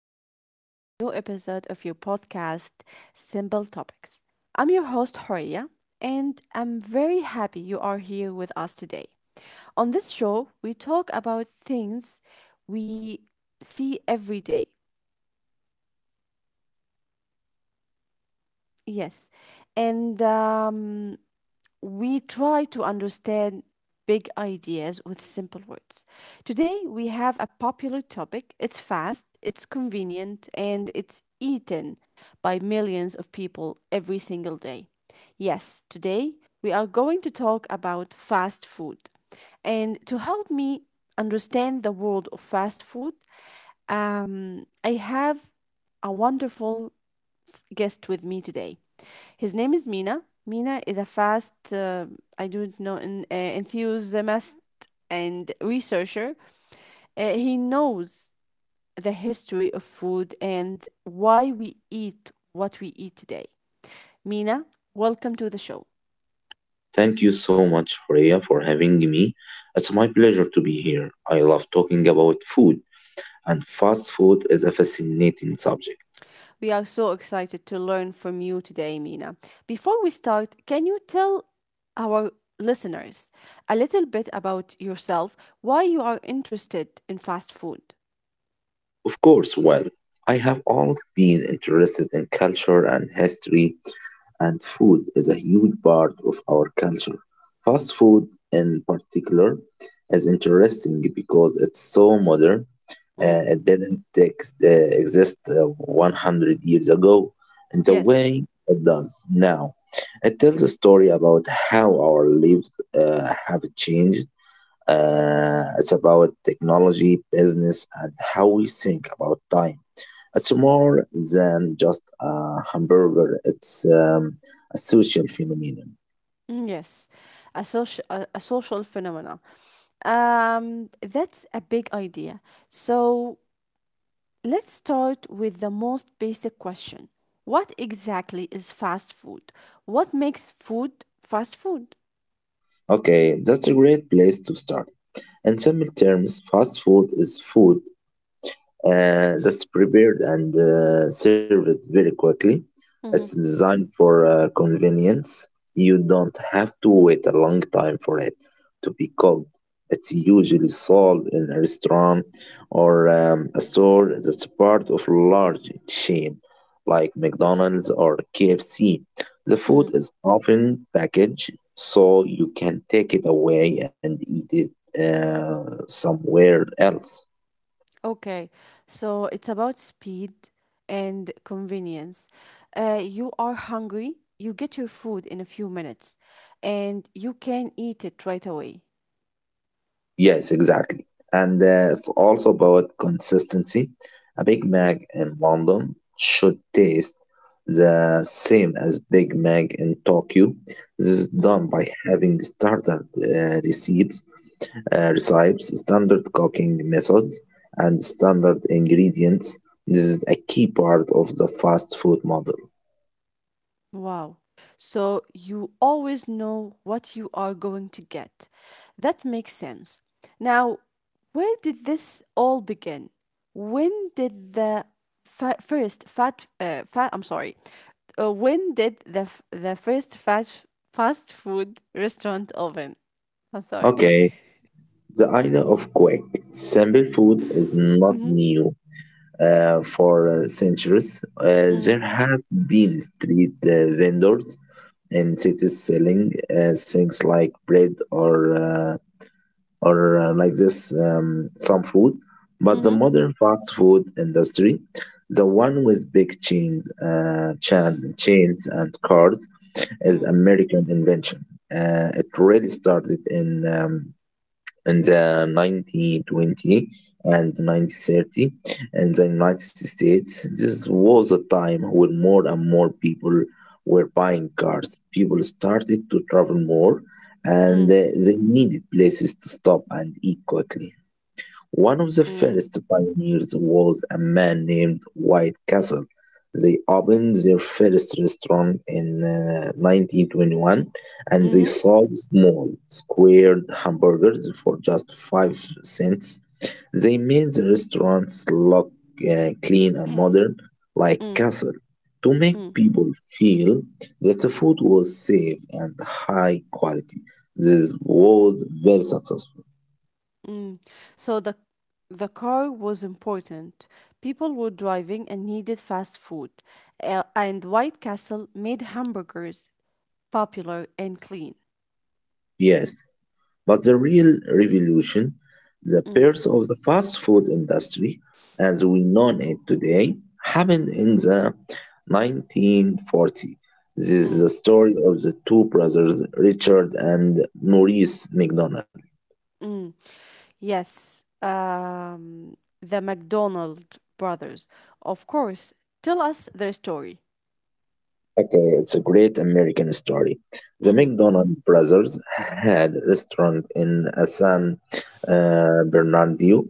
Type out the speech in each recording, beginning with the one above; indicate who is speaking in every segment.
Speaker 1: back to a new episode of your podcast, Simple Topics. I'm your host, Horia, and I'm very happy you are here with us today. On this show, we talk about things we see every day. Yes, and we try to understand big ideas with simple words. Today, we have a popular topic. It's fast, it's convenient, and it's eaten by millions of people every single day. Yes, today we are going to talk about fast food. And to help me understand the world of fast food, I have a wonderful guest with me today. His name is Mina. Mina is a fast, I don't know, an enthusiast and researcher. He knows the history of food and why we eat what we eat today. Mina, welcome to the show.
Speaker 2: Thank you so much, Horea, for having me. It's my pleasure to be here. I love talking about food, and fast food is a fascinating subject.
Speaker 1: We are so excited to learn from you today, Mina. Before we start, can you tell our listeners a little bit about yourself, why you are interested in fast food?
Speaker 2: Of course, well, I have always been interested in culture and history, and food is a huge part of our culture. Fast food, in particular, is interesting because it's so modern
Speaker 1: Mm.
Speaker 2: it didn't exist 100 years ago in the
Speaker 1: Yes.
Speaker 2: way it does now. It tells a story about how our lives have changed. It's about technology, business, and how we think about time. It's more than just a hamburger, it's a social phenomenon.
Speaker 1: Mm, yes. A social phenomena. That's a big idea. So let's start with the most basic question. What exactly is fast food? What makes food fast food?
Speaker 2: Okay, that's a great place to start. In simple terms, fast food is food that's prepared and served very quickly. It's
Speaker 1: Mhm.
Speaker 2: designed for convenience. You don't have to wait a long time for it to be cooked. It's usually sold in a restaurant or a store that's part of large chain like McDonald's or KFC. The food
Speaker 1: Mm.
Speaker 2: is often packaged so you can take it away and eat it somewhere else.
Speaker 1: Okay. So it's about speed and convenience. You are hungry, you get your food in a few minutes and you can eat it right away.
Speaker 2: Yes, exactly. And it's also about consistency. A Big
Speaker 1: Mm.
Speaker 2: Mac in London should taste the same as Big Mac in Tokyo. This is
Speaker 1: Mm.
Speaker 2: done by having standard recipes, standard cooking methods, and standard ingredients. This is a key part of the fast food model.
Speaker 1: Wow. So you always know what you are going to get. That makes sense. Now, where did this all begin? When did the fa- first fat fat I'm sorry. When did the first fast food restaurant open? I'm sorry.
Speaker 2: Okay, the idea of quick, simple food is not
Speaker 1: Mhm.
Speaker 2: new. For centuries,
Speaker 1: Mhm.
Speaker 2: there have been street vendors in cities selling things like bread or like this some food. But the
Speaker 1: Mhm.
Speaker 2: modern fast food industry, the one with big chains, chains and cards, is American invention. It really started in the 1920 and 1930 in the United States. This was a time when more and more people were buying cars. People started to travel more
Speaker 1: Mm.
Speaker 2: and
Speaker 1: Mm.
Speaker 2: they needed places to stop and eat quickly. One of the
Speaker 1: Mm.
Speaker 2: first pioneers was a man named White Castle. They opened their first restaurant in 1921 and they
Speaker 1: Mhm.
Speaker 2: sold small, squared hamburgers for just 5 cents. They made the restaurants look clean and modern, like
Speaker 1: Mm.
Speaker 2: castle, to make
Speaker 1: Mm.
Speaker 2: people feel that the food was safe and high quality. This was very successful.
Speaker 1: Mm. So the car was important. People were driving and needed fast food. And White Castle made hamburgers popular and clean.
Speaker 2: Yes, but the real revolution, the
Speaker 1: Mm,
Speaker 2: birth of the fast food industry as we know it today, happened in the 1940s. This is the
Speaker 1: mm,
Speaker 2: story of the two brothers, Richard and Maurice McDonald.
Speaker 1: mm. Yes, the McDonald brothers, of course. Tell us their story.
Speaker 2: Okay, it's a great American story. The
Speaker 1: Mm-hmm,
Speaker 2: McDonald brothers had a restaurant in San Bernardino,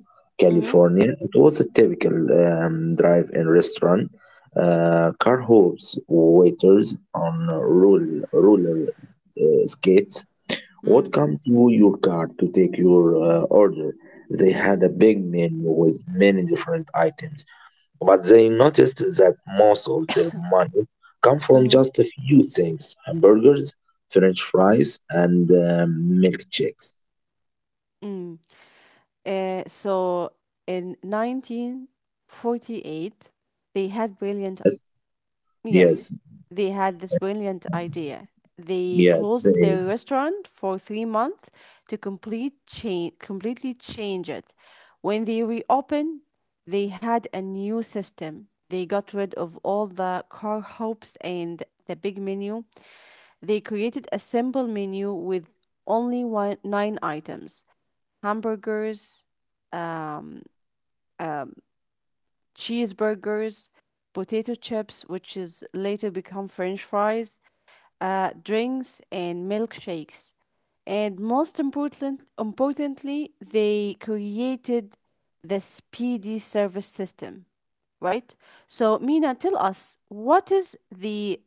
Speaker 1: mm-hmm,
Speaker 2: California. It was a typical drive-in restaurant. Car hoops, waiters on roller skates would
Speaker 1: mm,
Speaker 2: come to your car to take your order. They
Speaker 1: mm,
Speaker 2: had a big menu with many different items but they noticed that most of their money come from
Speaker 1: mm-hmm,
Speaker 2: just a few things: hamburgers, french fries, and milkshakes.
Speaker 1: mm. So in 1948, they had brilliant
Speaker 2: Yes,
Speaker 1: yes,
Speaker 2: yes,
Speaker 1: they had this brilliant idea. They
Speaker 2: yes.
Speaker 1: closed
Speaker 2: They,
Speaker 1: their restaurant for 3 months to completely change it. When they reopened, they had a new system. They got rid of all the car hopes and the big menu. They created a simple menu with only one, nine items hamburgers, um, um, cheeseburgers, potato chips, which is later become French fries, drinks, and milkshakes. And importantly, they created the speedy service system, right? So, Mina, tell us what is the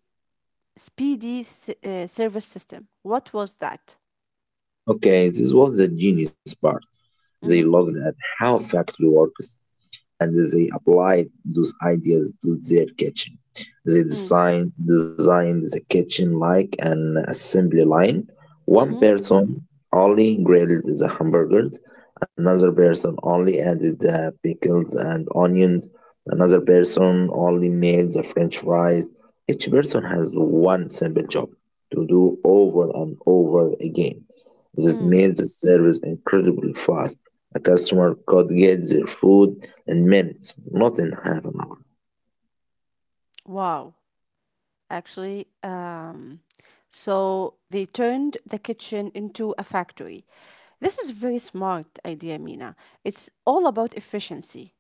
Speaker 1: speedy service system? What was that?
Speaker 2: okay, this was the genius part. They
Speaker 1: Mm-hmm.
Speaker 2: looked at how factory works and they applied those ideas to their kitchen. They
Speaker 1: Mm-hmm.
Speaker 2: designed the kitchen like an assembly line. One
Speaker 1: Mm-hmm.
Speaker 2: person only grilled the hamburgers, another person only added the pickles and onions, another person only made the french fries. Each person has one simple job to do over and over again. This
Speaker 1: Mm.
Speaker 2: made the service incredibly fast. A customer could get their food in minutes, not in half an hour.
Speaker 1: Wow, actually. So they turned the kitchen into a factory. This is very smart idea, Mina. It's all about efficiency,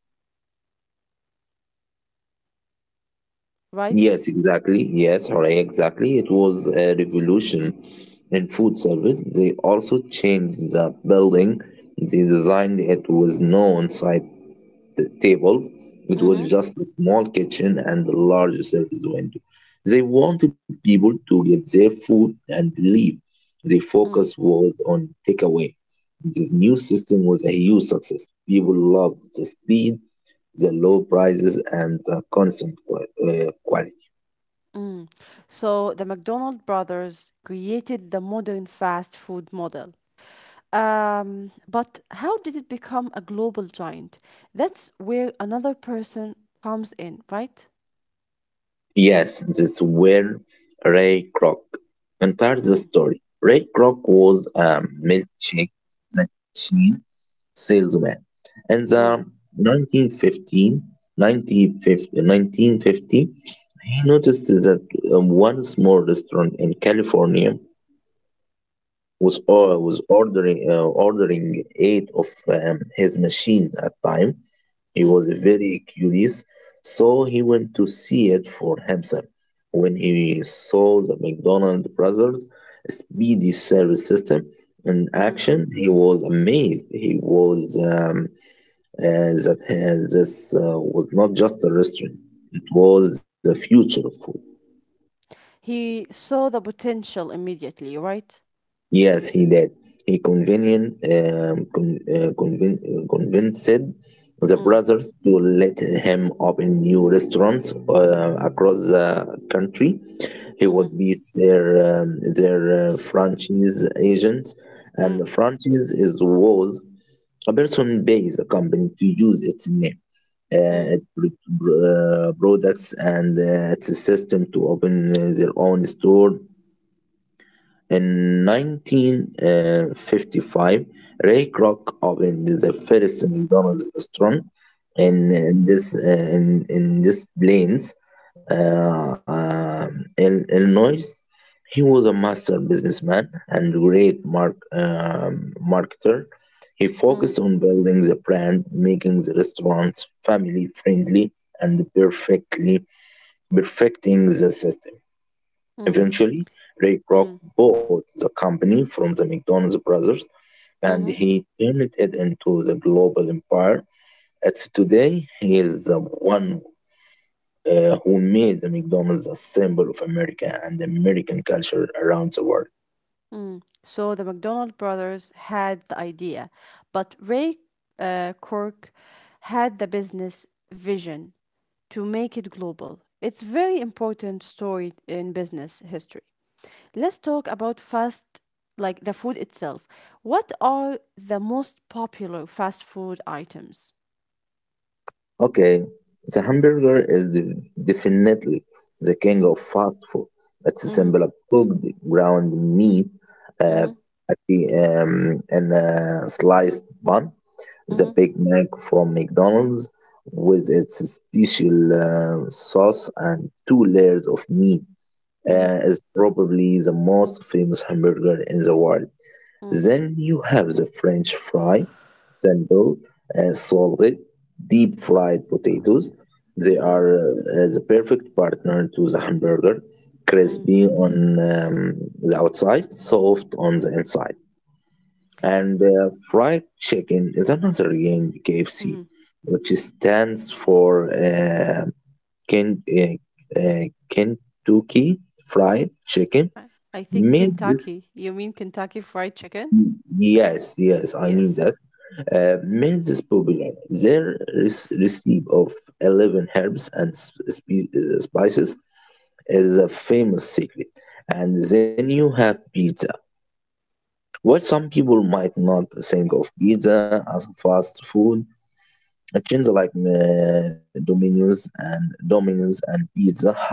Speaker 1: right?
Speaker 2: Yes, exactly. Yes, Horea, exactly. It was a revolution in food service. They also changed the building. They designed it with no on table. It was
Speaker 1: Mm-hmm.
Speaker 2: just a small kitchen and a large service window. They wanted people to get their food and leave. Their focus
Speaker 1: Mm,
Speaker 2: was on takeaway. The new system was a huge success. People loved the speed, the low prices, and the constant quality.
Speaker 1: mm. So the McDonald brothers created the modern fast food model. But how did it become a global giant? That's where another person comes in, right?
Speaker 2: Yes, that's where Ray Kroc entered the
Speaker 1: Mm,
Speaker 2: story. Ray Kroc was a milkshake machine salesman in the
Speaker 1: mm,
Speaker 2: 1915, 1950, he noticed that one small restaurant in California was
Speaker 1: mm,
Speaker 2: ordering ordering eight of his machines at a time. He was
Speaker 1: mm,
Speaker 2: very curious, so he went to see it for himself. When he saw the McDonald brothers' speedy service system in
Speaker 1: mhm.
Speaker 2: action, he was amazed. He was uh, that this was not just a restaurant; it was the future of food.
Speaker 1: He saw the potential immediately, right?
Speaker 2: Yes, he did. He convinced the
Speaker 1: Mm,
Speaker 2: brothers to let him open new restaurants across the country. He
Speaker 1: mhm,
Speaker 2: would be their franchise agent, and
Speaker 1: mm,
Speaker 2: the franchise is was a person pays a company to use its name, uh,
Speaker 1: mm,
Speaker 2: its pr- pr- products, and its system to open their own store in 1955, Ray Kroc opened the first McDonald's restaurant
Speaker 1: mm,
Speaker 2: in this Plains, uh, in Illinois. He was a master businessman and great marketer. He
Speaker 1: mm,
Speaker 2: focused on building the brand, making the restaurant family friendly, and perfectly perfecting the system.
Speaker 1: mm,
Speaker 2: Eventually, Ray Kroc
Speaker 1: mm,
Speaker 2: bought the company from the McDonald's brothers and
Speaker 1: mhm,
Speaker 2: he turned it into the global empire. It's today he is the one who made the McDonald's a symbol of America and American culture around the world.
Speaker 1: mm. So the McDonald brothers had the idea, but Ray Cork had the business vision to make it global. It's very important story in business history. Let's talk about fast like the food itself. What are the most popular fast food items?
Speaker 2: Okay, the hamburger is the, definitely the king of fast food. It's a
Speaker 1: Mm-hmm.
Speaker 2: symbol of cooked ground meat uh,
Speaker 1: Mm-hmm,
Speaker 2: patty, and a sliced bun. The
Speaker 1: mhm,
Speaker 2: Big Mac from McDonald's with its special sauce and two layers of meat
Speaker 1: mhm,
Speaker 2: is probably the most famous hamburger in the world.
Speaker 1: mhm,
Speaker 2: Then you have the French fry, simple, salted, deep fried potatoes. They
Speaker 1: hmm
Speaker 2: are the perfect partner to the hamburger,
Speaker 1: mhm,
Speaker 2: crispy on the outside, soft on the inside and fried chicken is another in KFC,
Speaker 1: mhm.
Speaker 2: which stands for Ken, uh, uh, Kentucky Fried Chicken.
Speaker 1: I I think
Speaker 2: Made this,
Speaker 1: Kentucky. You mean Kentucky Fried Chicken?
Speaker 2: yes, yes, I mean
Speaker 1: Yes.
Speaker 2: that. Made this popular. Their recipe of 11 herbs and spices is a famous secret. And then you have pizza. While some people might not think of pizza as fast food, a chains like Domino's and Pizza Hut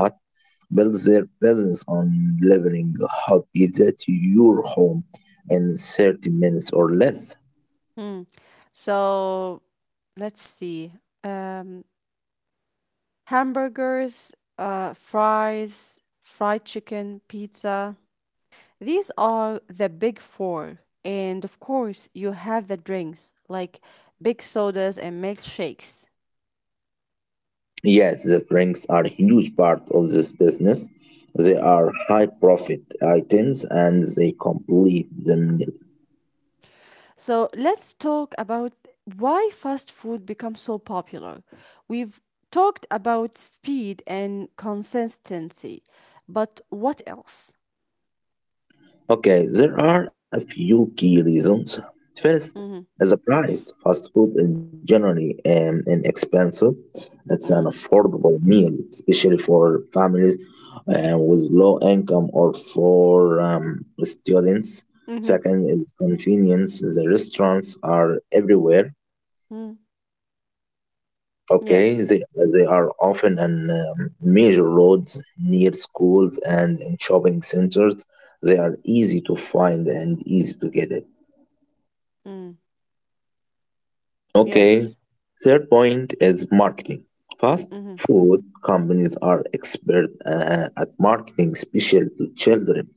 Speaker 2: builds their business on delivering hot pizza to your home in 30 minutes or less.
Speaker 1: Mm. So let's see. Um, Hamburgers, fries, fried chicken, pizza. These are the big four. And of course, you have the drinks like big sodas and milkshakes.
Speaker 2: Yes, the drinks are a huge part of this business. They
Speaker 1: Mm.
Speaker 2: are high profit items and they complete the meal.
Speaker 1: So let's talk about why fast food becomes so popular. We've talked about speed and consistency, but what else?
Speaker 2: Okay, there are a few key reasons. First,
Speaker 1: Mm-hmm,
Speaker 2: is the price. Fast food is generally inexpensive. It's an
Speaker 1: mm-hmm,
Speaker 2: affordable meal, especially for families with low income or for students.
Speaker 1: mm-hmm,
Speaker 2: Second is convenience. The restaurants are everywhere.
Speaker 1: mm.
Speaker 2: Okay,
Speaker 1: Yes.
Speaker 2: they, they are often on major roads, near schools, and in shopping centers. They are easy to find and easy to get it.
Speaker 1: Mm,
Speaker 2: Okay,
Speaker 1: yes.
Speaker 2: third point is marketing. Fast
Speaker 1: Mm-hmm,
Speaker 2: food companies are expert at marketing, especially to children.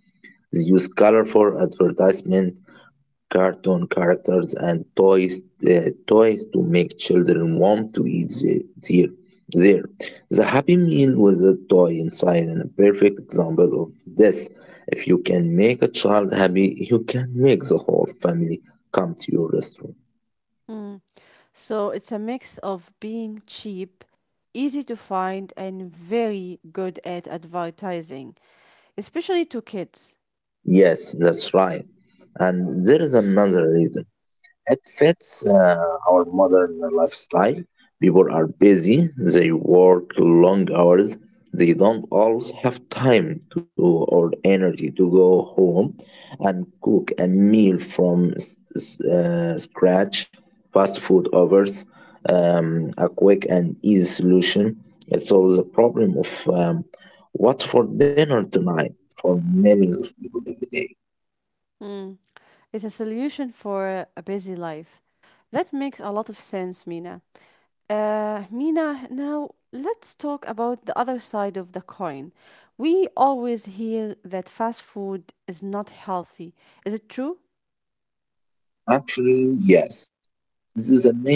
Speaker 2: They use colorful advertisement, cartoon characters, and toys to make children want to eat their there. The Happy Meal with a toy inside is a perfect example of this. If you can make a child happy, you can make the whole family come to your restaurant.
Speaker 1: mm. So it's a mix of being cheap, easy to find, and very good at advertising, especially to kids.
Speaker 2: Yes, that's right. And there is another reason. It fits our modern lifestyle. People are busy, they work long hours, they don't always have time to or energy to go home and cook a meal from scratch. Fast food offers a quick and easy solution. It solves the problem of what's for dinner tonight for millions of people every day.
Speaker 1: Mm. It's a solution for a busy life. That makes a lot of sense, Mina. Mina, now let's talk about the other side of the coin. We always hear that fast food is not healthy. Is it true?
Speaker 2: Actually, yes. This is a main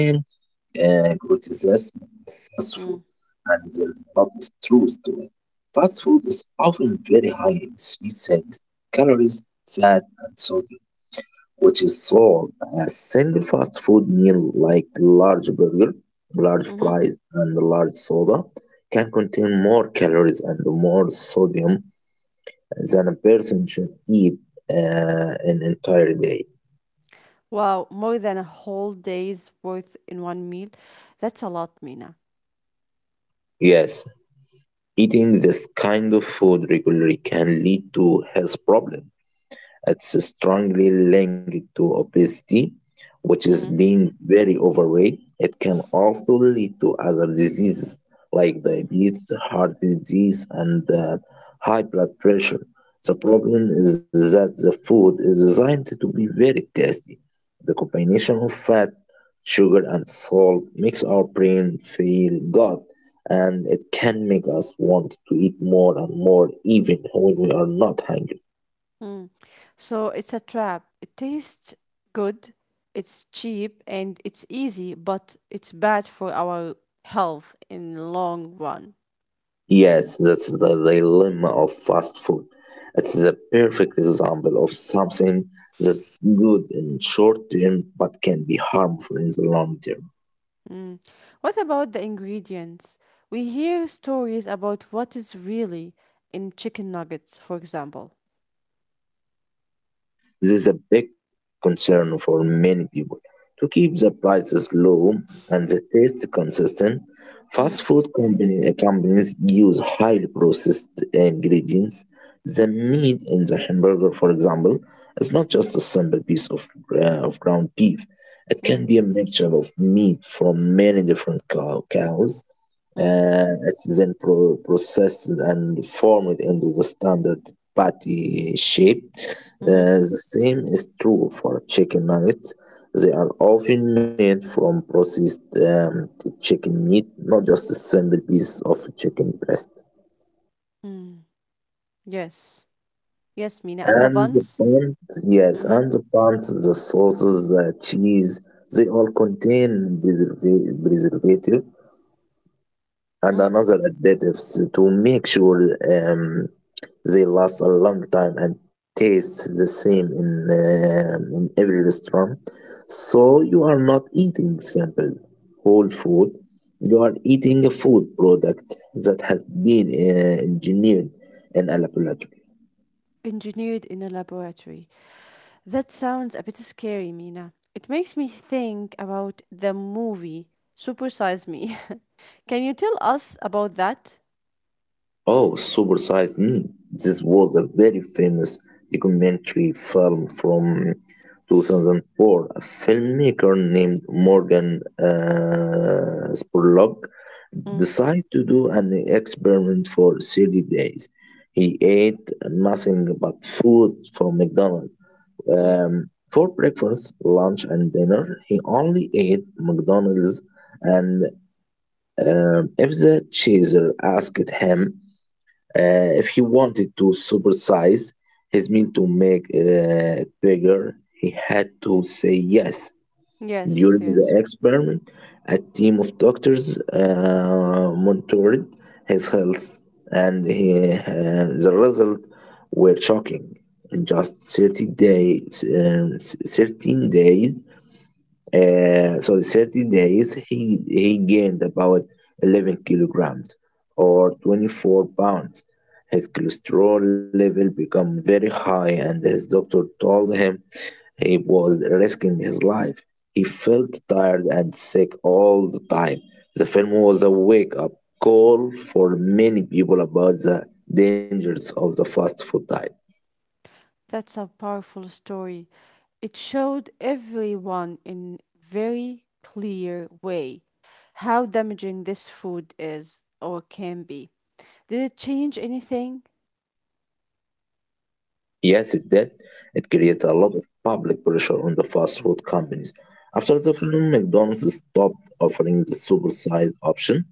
Speaker 2: criticism of fast food,
Speaker 1: Mm,
Speaker 2: and there's a lot of truth to it. Fast food is often very high in sweet things, calories, fat, and sodium, which is sold as single fast food meal like large burger, large
Speaker 1: hmm.
Speaker 2: fries, and large soda can contain more calories and more sodium than a person should eat an entire day.
Speaker 1: Wow, more than a whole day's worth in one meal. That's a lot, Mina.
Speaker 2: Yes, eating this kind of food regularly can lead to health problems. It's strongly linked to obesity, which is
Speaker 1: Mm-hmm.
Speaker 2: being very overweight. It can also lead to other diseases like
Speaker 1: Mm-hmm.
Speaker 2: diabetes, heart disease, and high blood pressure. The problem is that the food is designed to be very tasty. The combination of fat, sugar, and salt makes our brain feel good, and it can make us want to eat more and more even when we are not hungry.
Speaker 1: Mm. So it's a trap. It tastes good, it's cheap, and it's easy, but it's bad for our health in the long run.
Speaker 2: Yes, that's the dilemma of fast food. It's the perfect example of something that's good in short term but can be harmful in the long term.
Speaker 1: Mm. What about the ingredients? We hear stories about what is really in chicken nuggets, for example.
Speaker 2: This is a big concern for many people. To keep the prices low and the taste consistent,
Speaker 1: Mm,
Speaker 2: companies use highly processed ingredients. The meat in the hamburger, for example, is not just a simple piece of ground beef. It
Speaker 1: mm,
Speaker 2: can be a mixture of meat from many different cows,
Speaker 1: mm,
Speaker 2: it's then processed and formed into the standard patty shape.
Speaker 1: mhm,
Speaker 2: The same is true for chicken nuggets. They are often made from processed chicken meat, not just a simple piece of chicken breast.
Speaker 1: mm. Yes. Yes, Mina. And the
Speaker 2: And the
Speaker 1: buns?
Speaker 2: buns, yes,
Speaker 1: Mm-hmm.
Speaker 2: and the buns, the sauces, the cheese, they all contain preservative and
Speaker 1: Mm.
Speaker 2: another additives to make sure they last a long time and taste the same in every restaurant. So you are not eating simple whole food. You are eating a food product that has been engineered in a laboratory.
Speaker 1: Engineered in a laboratory. That sounds a bit scary, Mina. It makes me think about the movie Super Size Me. Can you tell us about that?
Speaker 2: Oh, Supersize Me. This was a very famous documentary film from 2004. A filmmaker named Morgan Spurlock
Speaker 1: Mm,
Speaker 2: decided to do an experiment for 30 days. He ate nothing but food from McDonald's.
Speaker 1: mm.
Speaker 2: For breakfast, lunch, and dinner, he only ate McDonald's and if the chaser asked him if he wanted to supersize his meal to make it bigger, he had to say yes.
Speaker 1: Yes,
Speaker 2: During the
Speaker 1: yes.
Speaker 2: experiment, a team of doctors monitored his health, and the results were shocking. In just 30 days, um, 13 days, uh, so in 30 days, he gained about 11 kilograms or 24 pounds. His cholesterol level became very high, and his doctor told him he was risking his life. He felt tired and sick all the time. The film was a wake up call for many people about the dangers of the fast food diet.
Speaker 1: That's a powerful story. It showed everyone in very clear way how damaging this food is or can be. Did it change anything?
Speaker 2: Yes, it did. It created
Speaker 1: Mm-hmm.
Speaker 2: a lot of public pressure on the fast food companies. After the film, McDonald's stopped offering the supersized option.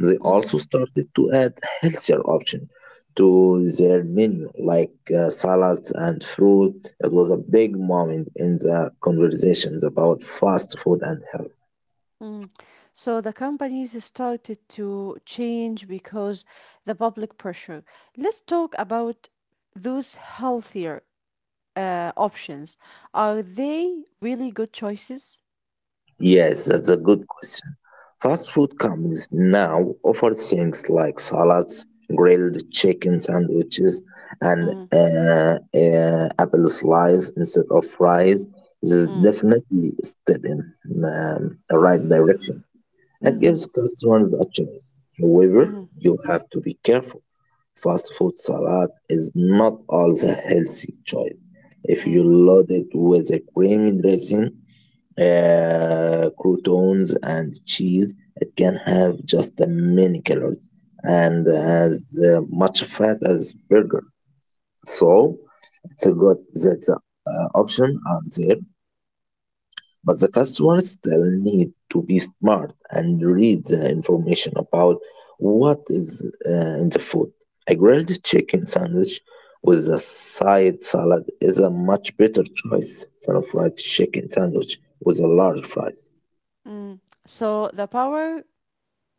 Speaker 2: They
Speaker 1: Mm-hmm.
Speaker 2: also started to add healthier options to their menu, like salads and fruit. It was a big moment in the conversations about fast food and health.
Speaker 1: Mm. So the companies started to change because the public pressure. Let's talk about those healthier options. Are they really good choices?
Speaker 2: Yes, that's a good question. Fast food companies now offer things like salads, grilled chicken sandwiches, and
Speaker 1: Mm,
Speaker 2: apple slice instead of fries. This is
Speaker 1: mm,
Speaker 2: definitely a step in the right direction. It
Speaker 1: mm-hmm,
Speaker 2: gives customers a choice. However,
Speaker 1: mm-hmm,
Speaker 2: you have to be careful. Fast food salad is not always a healthy choice. If you
Speaker 1: mm,
Speaker 2: load it with a creamy dressing, croutons and cheese. It can have just as many calories and
Speaker 1: mm,
Speaker 2: as much fat as burger. So it's a good that the option are there, but the customers still need to be smart and read the information about what is in the food. A grilled chicken sandwich with a side salad is a much better choice than a fried chicken sandwich with a large fry.
Speaker 1: mm. So the power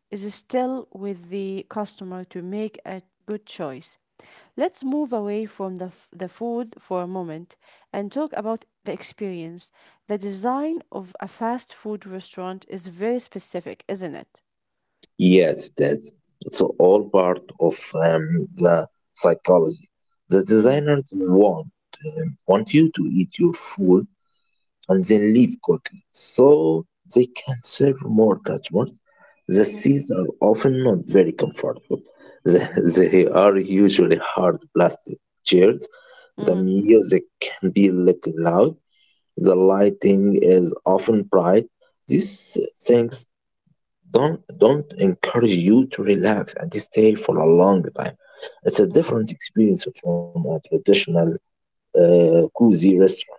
Speaker 1: is still with the customer to make a good choice. Let's move away from the food for a moment and talk about the experience. The design of a fast food restaurant is very specific, isn't it?
Speaker 2: Yes, that's it's all part of the psychology. The
Speaker 1: Hmm.
Speaker 2: designers want you to eat your food and then leave quickly, so they can serve more customers. The
Speaker 1: Hmm.
Speaker 2: seats are often not very comfortable. They, they are usually hard plastic chairs. The
Speaker 1: Hmm.
Speaker 2: music can be a little loud. The lighting is often bright. These things don't encourage you to relax and stay for a long time. It's a different experience from a traditional cozy restaurant.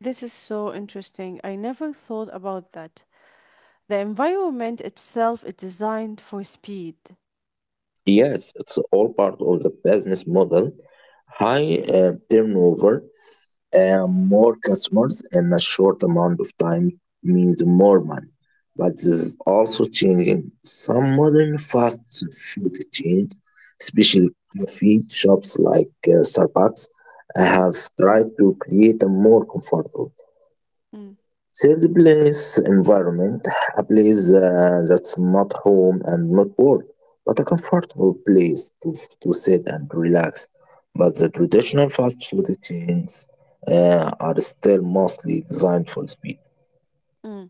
Speaker 1: This is so interesting. I never thought about that. The environment itself is designed for speed.
Speaker 2: Yes, it's all part of the business model. High turnover. More customers in a short amount of time means more money, but this is also changing. Some modern fast food chains, especially coffee shops like Starbucks,
Speaker 1: Mm,
Speaker 2: have tried to create a more comfortable,
Speaker 1: mm,
Speaker 2: third place, environment, a place that's not home and not work, but a comfortable place to sit and relax. But the traditional fast food chains are still mostly designed for speed.
Speaker 1: mm.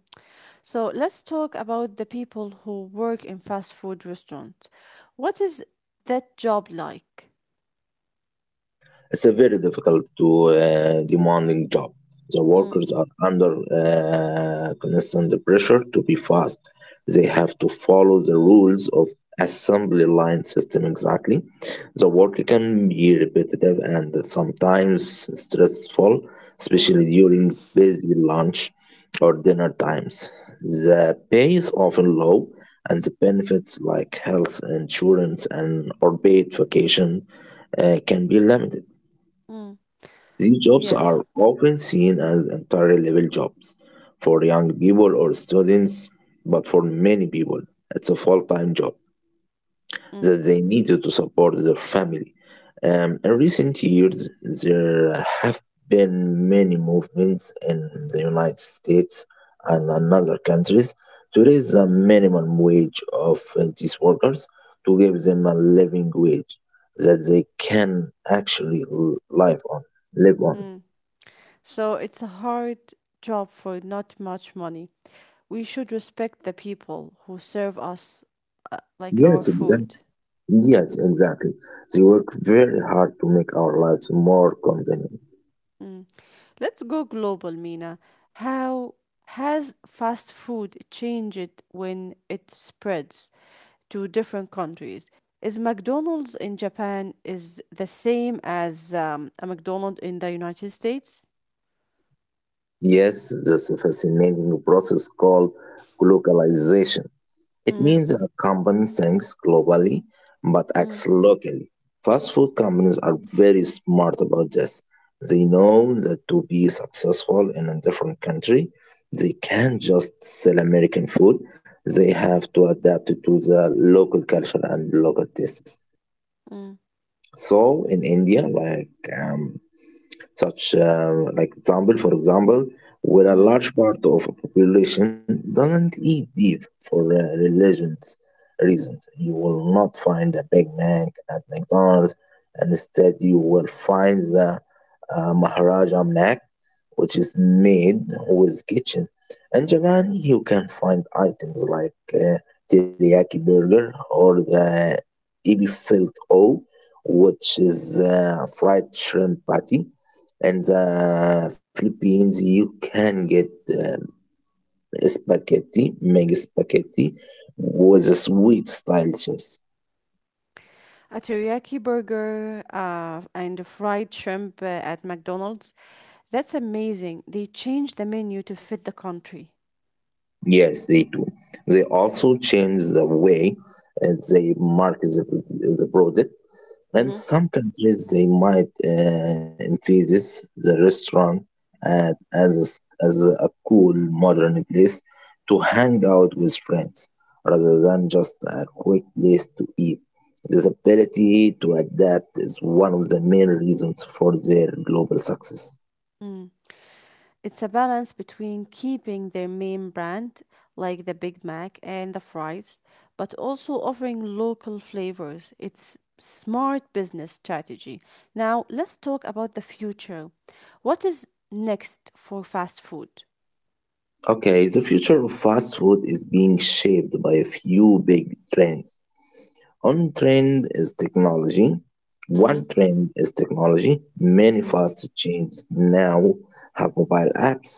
Speaker 1: So let's talk about the people who work in fast food restaurant. What is that job like?
Speaker 2: It's a very difficult to demanding job. The
Speaker 1: Mm,
Speaker 2: workers are under constant pressure to be fast. They have to follow the rules of assembly line system exactly. The work can be repetitive and sometimes stressful,
Speaker 1: mm,
Speaker 2: especially during busy lunch or dinner times. The pay is often low, and the benefits like health insurance and or paid vacation can be limited.
Speaker 1: mm.
Speaker 2: These jobs
Speaker 1: Yes.
Speaker 2: are often seen as entry level jobs for young people or students, but for many people, it's a full time job
Speaker 1: Mm,
Speaker 2: that they need to support their family. In recent years, there have been many movements in the United States and in other countries to raise the minimum wage of these workers to give them a living wage that they can actually live on. Live on.
Speaker 1: mm. So it's a hard job for not much money. We should respect the people who serve us like our
Speaker 2: Yes,
Speaker 1: food.
Speaker 2: exactly. Yes, exactly. They work very hard to make our lives more convenient.
Speaker 1: Let's go global, Mina. How has fast food changed when it spreads to different countries? Is McDonald's in Japan is the same as a McDonald's in the United States?
Speaker 2: Yes, that's a fascinating process called globalization. It
Speaker 1: Mm,
Speaker 2: means a company thinks globally but
Speaker 1: mm,
Speaker 2: acts locally. Fast food companies are very smart about this. They know that to be successful in a different country, they can't just sell American food. They have to adapt it to the local culture and local tastes.
Speaker 1: mm,
Speaker 2: So in India, like such like example for example, where a
Speaker 1: mhm.
Speaker 2: large part of a population doesn't eat beef for religions reasons, you will not find a Big Mac at McDonald's, and instead you will find the Maharaja Mac, which is made with kitchen. In Japan, you can find items like teriyaki burger or the ebi filled o, which is fried shrimp patty. In the Philippines, you can get spaghetti with a sweet style sauce.
Speaker 1: A teriyaki burger and a fried shrimp at McDonald's. That's amazing. They change the menu to fit the country.
Speaker 2: Yes, they do. They also change the way they market the product. In
Speaker 1: Mm-hmm.
Speaker 2: some countries, they might emphasize the restaurant at, as, a, s- as a cool modern place to hang out with friends rather than just a quick place to eat. This ability to adapt is one of the main reasons for their global success.
Speaker 1: It's a balance between keeping their main brand, like the Big Mac and the fries, but also offering local flavors. It's smart business strategy. Now, let's talk about the future. What is next for fast food?
Speaker 2: Okay, the future of fast food is being shaped by a few big trends. On trend is technology.
Speaker 1: Mm-hmm.
Speaker 2: One trend is technology. Many
Speaker 1: Mm,
Speaker 2: fast chains now have mobile apps,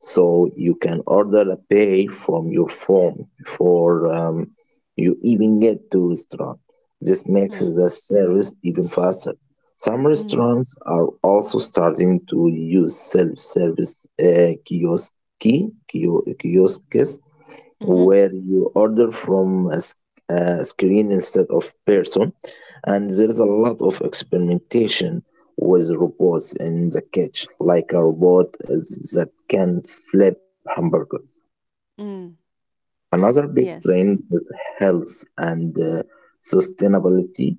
Speaker 2: so you can order a pay from your phone before you even get to restaurant. This makes
Speaker 1: mm,
Speaker 2: the service even faster. Some
Speaker 1: mm,
Speaker 2: restaurants are also starting to use self-service kiosks
Speaker 1: mm-hmm.
Speaker 2: where you order from a screen instead of person, and there is a lot of experimentation with robots in the kitchen, like a robot that can flip hamburgers.
Speaker 1: Mm.
Speaker 2: Another big
Speaker 1: Yes.
Speaker 2: trend is health and sustainability.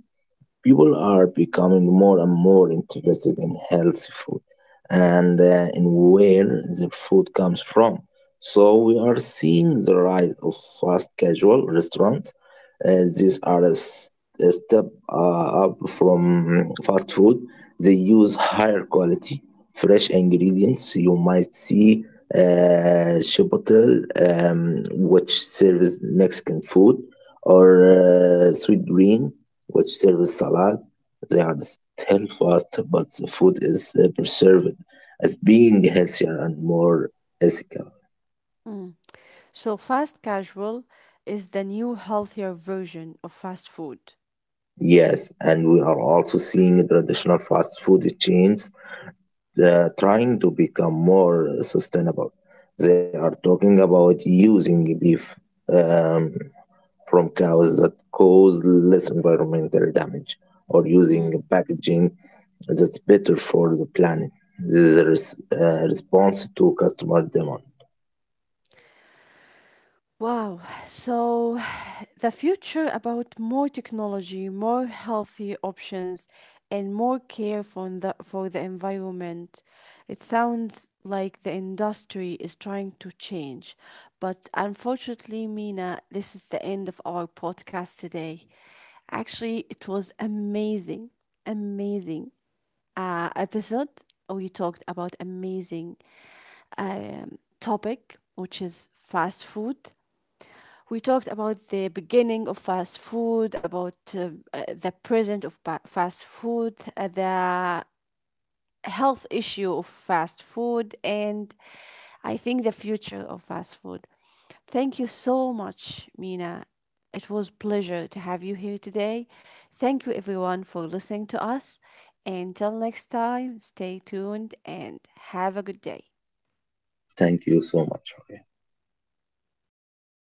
Speaker 2: People are becoming more and more interested in healthy food and in where the food comes from. So we are seeing the rise of fast casual restaurants. These are a step up from fast food. They use higher quality, fresh ingredients. You might see Chipotle, which serves Mexican food, or sweet green, which serves salad. They are still fast, but the food is preserved as being healthier and more ethical.
Speaker 1: Mm. So, fast casual is the new healthier version of fast food.
Speaker 2: Yes, and we are also seeing traditional fast food chains trying to become more sustainable. They are talking about using beef. Um, from cows that cause less environmental damage, or
Speaker 1: Mm.
Speaker 2: using packaging that's better for the planet. This is a response to customer demand.
Speaker 1: Wow. So the future about more technology, more healthy options, and more care for the environment. It sounds like the industry is trying to change. But unfortunately, Mina, this is the end of our podcast today. Actually, it was amazing episode. We talked about amazing topic, which is fast food we talked about the beginning of fast food, about the present of fast food, the health issue of fast food, and I think the future of fast food. Thank you so much, Mina. It was pleasure to have you here today. Thank you everyone for listening to us. Until next time, stay tuned and have a good day.
Speaker 2: Thank you so much.